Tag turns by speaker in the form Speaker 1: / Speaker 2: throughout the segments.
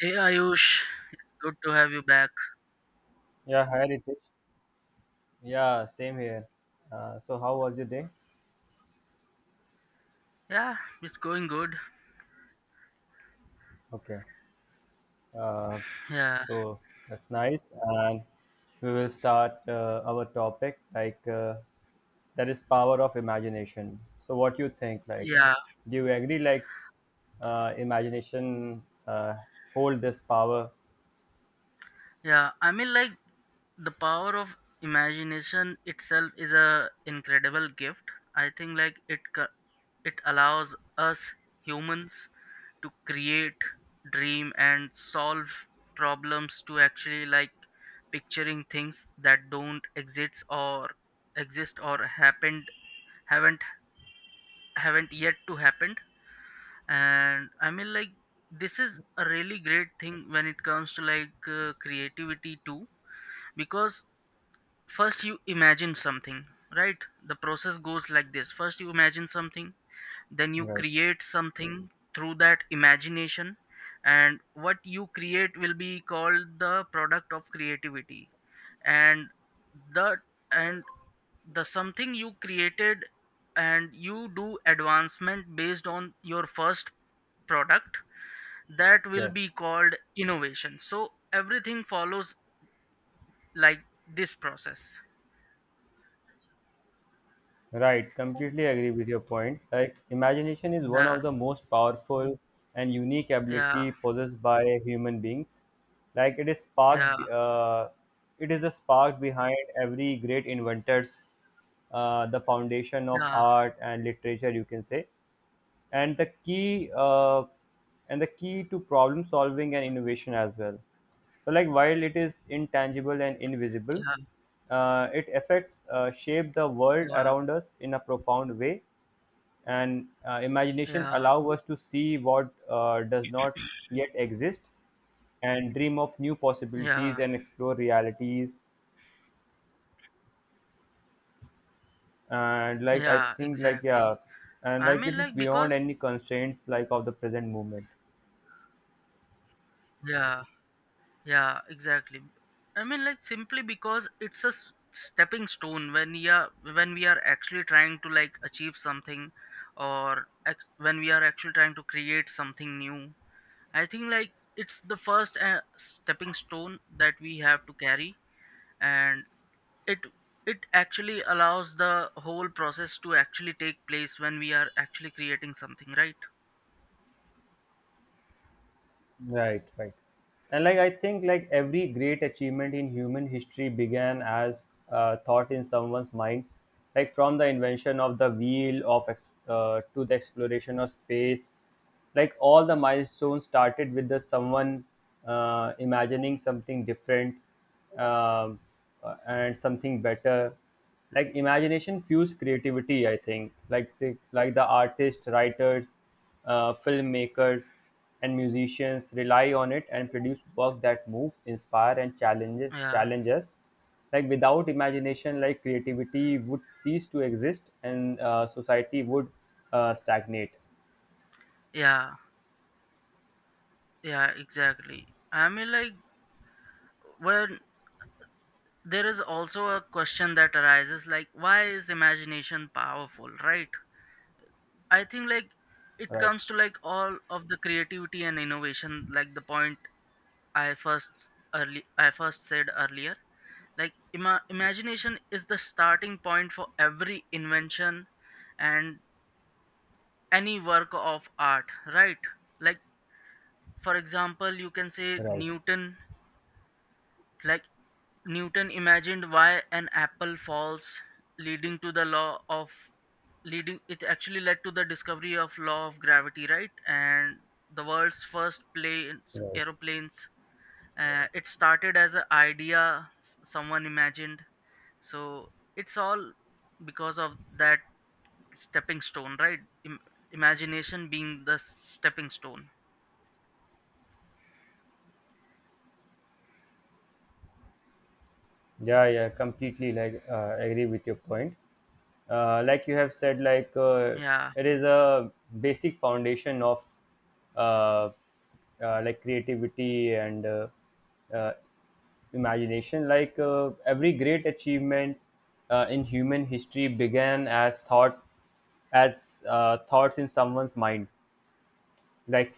Speaker 1: Hey Ayush, good to have you back.
Speaker 2: Yeah, hi Ritesh. Yeah, same here. So, how was your day?
Speaker 1: Yeah, it's going good.
Speaker 2: Okay. Uh,
Speaker 1: Yeah,
Speaker 2: so, that's nice. And we will start our topic like that is power of imagination. So, what you think? Like,
Speaker 1: yeah,
Speaker 2: do you agree? Like, imagination hold this power?
Speaker 1: yeah. I mean, like the power of imagination itself is a incredible gift. I think like it allows us humans to create, dream, and solve problems to actually like picturing things that don't exist or exist or happened haven't haven't yet to happen. And I mean like this is a really great thing when it comes to like creativity too, because first you imagine something, right? The process goes like this: first you imagine something, then you
Speaker 2: Right.
Speaker 1: create something through that imagination, and what you create will be called the product of creativity. And the and the something you created and you do advancement based on your first product, that will be
Speaker 2: Yes.
Speaker 1: called innovation. So everything follows like this process.
Speaker 2: Right, completely agree with your point. Like, imagination is one
Speaker 1: Yeah,
Speaker 2: of the most powerful and unique
Speaker 1: yeah,
Speaker 2: ability possessed by human beings. Like, it is
Speaker 1: yeah,
Speaker 2: it is a spark behind every great inventors, the foundation of
Speaker 1: yeah,
Speaker 2: art and literature, you can say, and the key to problem solving and innovation as well. So, like, while it is intangible and invisible,
Speaker 1: yeah,
Speaker 2: it affects shape the world
Speaker 1: yeah,
Speaker 2: around us in a profound way. And imagination
Speaker 1: yeah,
Speaker 2: allow us to see what does not yet exist, and dream of new possibilities
Speaker 1: yeah,
Speaker 2: and explore realities. And like, I
Speaker 1: yeah,
Speaker 2: think, like,
Speaker 1: exactly.
Speaker 2: yeah. And
Speaker 1: I
Speaker 2: like,
Speaker 1: mean,
Speaker 2: it is
Speaker 1: like
Speaker 2: beyond
Speaker 1: because
Speaker 2: any constraints like of the present moment.
Speaker 1: yeah, yeah, exactly. I mean, like simply because it's a stepping stone when we are actually trying to like achieve something, or when we are actually trying to create something new. I think like it's the first stepping stone that we have to carry, and it it actually allows the whole process to actually take place when we are actually creating something, right?
Speaker 2: Right, right. And like I think like every great achievement in human history began as a thought in someone's mind, like from the invention of the wheel, to the exploration of space. Like all the milestones started with the someone imagining something different, um, and something better. Like imagination fuels creativity, I think, like, say, like the artists, writers, filmmakers, and musicians rely on it and produce work that move, inspire, and challenges
Speaker 1: Yeah,
Speaker 2: challenges Like, without imagination, like creativity would cease to exist, and society would stagnate.
Speaker 1: yeah, yeah, exactly. I mean, like when there is also a question that arises, like why is imagination powerful, right? I think like it
Speaker 2: Right.
Speaker 1: comes to like all of the creativity and innovation, like the point I first early I first said earlier, like imagination is the starting point for every invention and any work of art, right? Like for example, you can say
Speaker 2: Right.
Speaker 1: Newton. Like Newton imagined why an apple falls, leading to the law of leading it actually led to the discovery of law of gravity, right? And the world's first planes,
Speaker 2: Right.
Speaker 1: aeroplanes, it started as an idea someone imagined. So it's all because of that stepping stone, right? Im- Imagination being the stepping stone.
Speaker 2: Yeah, yeah, completely like agree with your point. Like you have said, like,
Speaker 1: Yeah,
Speaker 2: it is a basic foundation of uh, like creativity and uh, imagination. Like every great achievement in human history began as thought, as thoughts in someone's mind. Like,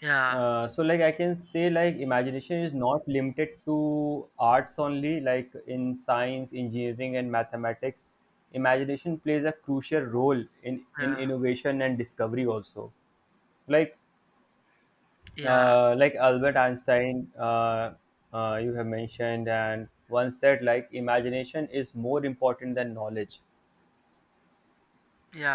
Speaker 1: yeah,
Speaker 2: so like I can say, like imagination is not limited to arts only. Like in science, engineering, and mathematics, imagination plays a crucial role in
Speaker 1: yeah,
Speaker 2: innovation and discovery also. Like
Speaker 1: yeah,
Speaker 2: like Albert Einstein, you have mentioned, and once said, like, imagination is more important than knowledge.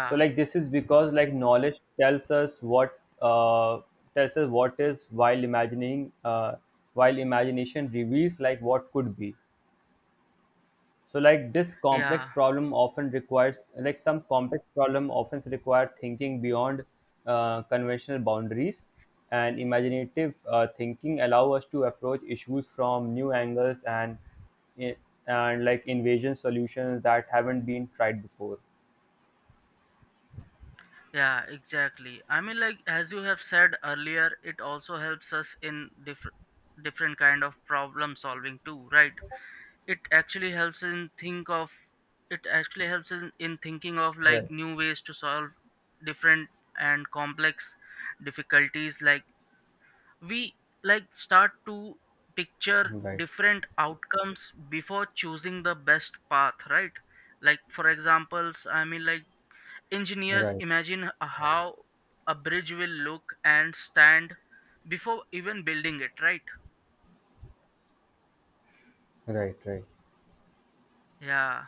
Speaker 2: So like this is because, like, knowledge tells us what is, while imagining while imagination reveals like what could be. So like this
Speaker 1: yeah,
Speaker 2: complex problem often requires like some complex problem often require thinking beyond conventional boundaries, and imaginative thinking allow us to approach issues from new angles, and eh, like invasion solutions that haven't been tried before.
Speaker 1: yeah, exactly. I mean, like as you have said earlier, it also helps us in different kind of problem solving too, right? it actually helps in think of it actually helps in thinking of like
Speaker 2: Right.
Speaker 1: new ways to solve different and complex difficulties. Like we like start to picture
Speaker 2: Right.
Speaker 1: different outcomes before choosing the best path, right? Like for examples, I mean, like engineers
Speaker 2: Right.
Speaker 1: imagine how a bridge will look and stand before even building it, right?
Speaker 2: Right, right.
Speaker 1: Yeah,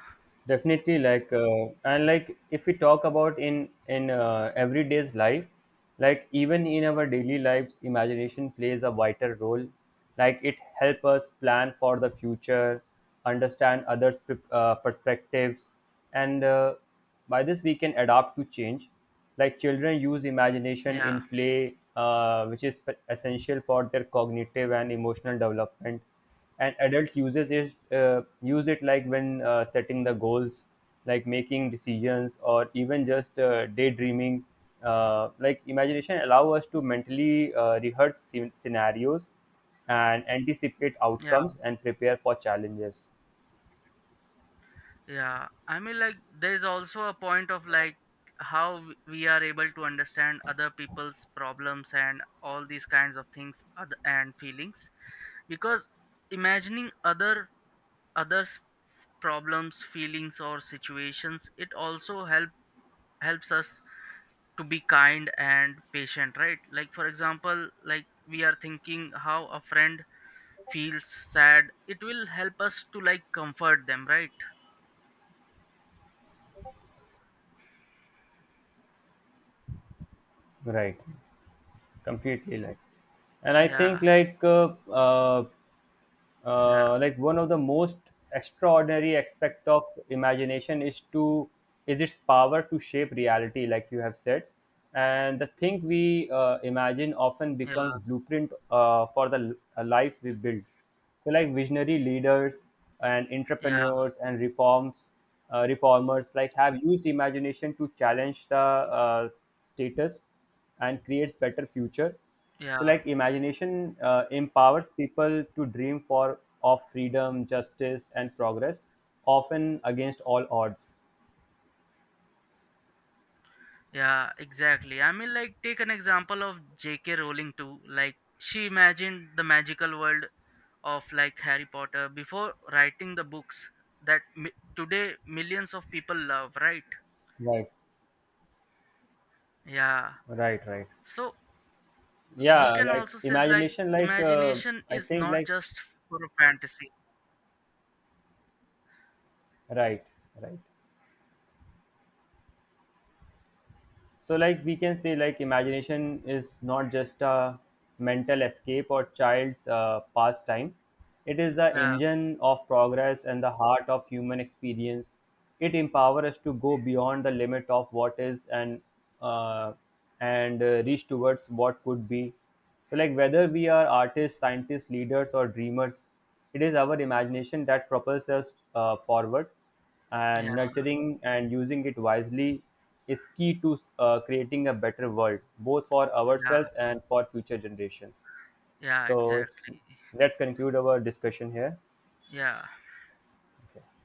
Speaker 2: Definitely, like, and like, if we talk about in everyday's life, like even in our daily lives, imagination plays a vital role. Like, it helps us plan for the future, understand others' perspectives, and by this we can adapt to change. Like children use imagination
Speaker 1: yeah,
Speaker 2: in play, which is essential for their cognitive and emotional development. And adults use it like when setting the goals, like making decisions, or even just daydreaming. Like imagination allow us to mentally rehearse scenarios, and anticipate
Speaker 1: yeah,
Speaker 2: outcomes, and prepare for challenges.
Speaker 1: yeah. I mean, like there's also a point of like how we are able to understand other people's problems and all these kinds of things, and feelings, because imagining others' problems, feelings or situations, it also helps us to be kind and patient, right? Like for example, like we are thinking how a friend feels sad, it will help us to like comfort them, right?
Speaker 2: Right. Completely, like, and I think,
Speaker 1: Yeah,
Speaker 2: like,
Speaker 1: yeah,
Speaker 2: like one of the most extraordinary aspect of imagination is its power to shape reality, like you have said. And the thing we imagine often becomes
Speaker 1: yeah,
Speaker 2: blueprint for the lives we build. So like visionary leaders and
Speaker 1: yeah,
Speaker 2: entrepreneurs and reforms reformers, like, have used imagination to challenge the uh, status, and creates better future. So,
Speaker 1: yeah,
Speaker 2: like, imagination empowers people to dream for of freedom, justice, and progress, often against all odds.
Speaker 1: yeah, exactly. I mean, like take an example of JK Rowling too. Like she imagined the magical world of like Harry Potter before writing the books that today millions of people love, right?
Speaker 2: Right,
Speaker 1: Yeah.
Speaker 2: right, right.
Speaker 1: So we
Speaker 2: Yeah,
Speaker 1: can
Speaker 2: like
Speaker 1: also say like
Speaker 2: imagination, like,
Speaker 1: imagination
Speaker 2: I
Speaker 1: is
Speaker 2: think,
Speaker 1: not
Speaker 2: like,
Speaker 1: just for a fantasy.
Speaker 2: right, right. So, like, we can say, like imagination is not just a mental escape or child's pastime. It is the
Speaker 1: Yeah,
Speaker 2: engine of progress and the heart of human experience. It empowers us to go beyond the limit of what is, and uh, reach towards what could be. So, like, whether we are artists, scientists, leaders, or dreamers, it is our imagination that propels us forward, and
Speaker 1: yeah,
Speaker 2: nurturing and using it wisely is key to creating a better world, both for
Speaker 1: yeah,
Speaker 2: ourselves and for future generations.
Speaker 1: yeah,
Speaker 2: So,
Speaker 1: exactly.
Speaker 2: let's conclude our discussion here.
Speaker 1: Yeah.
Speaker 2: Okay.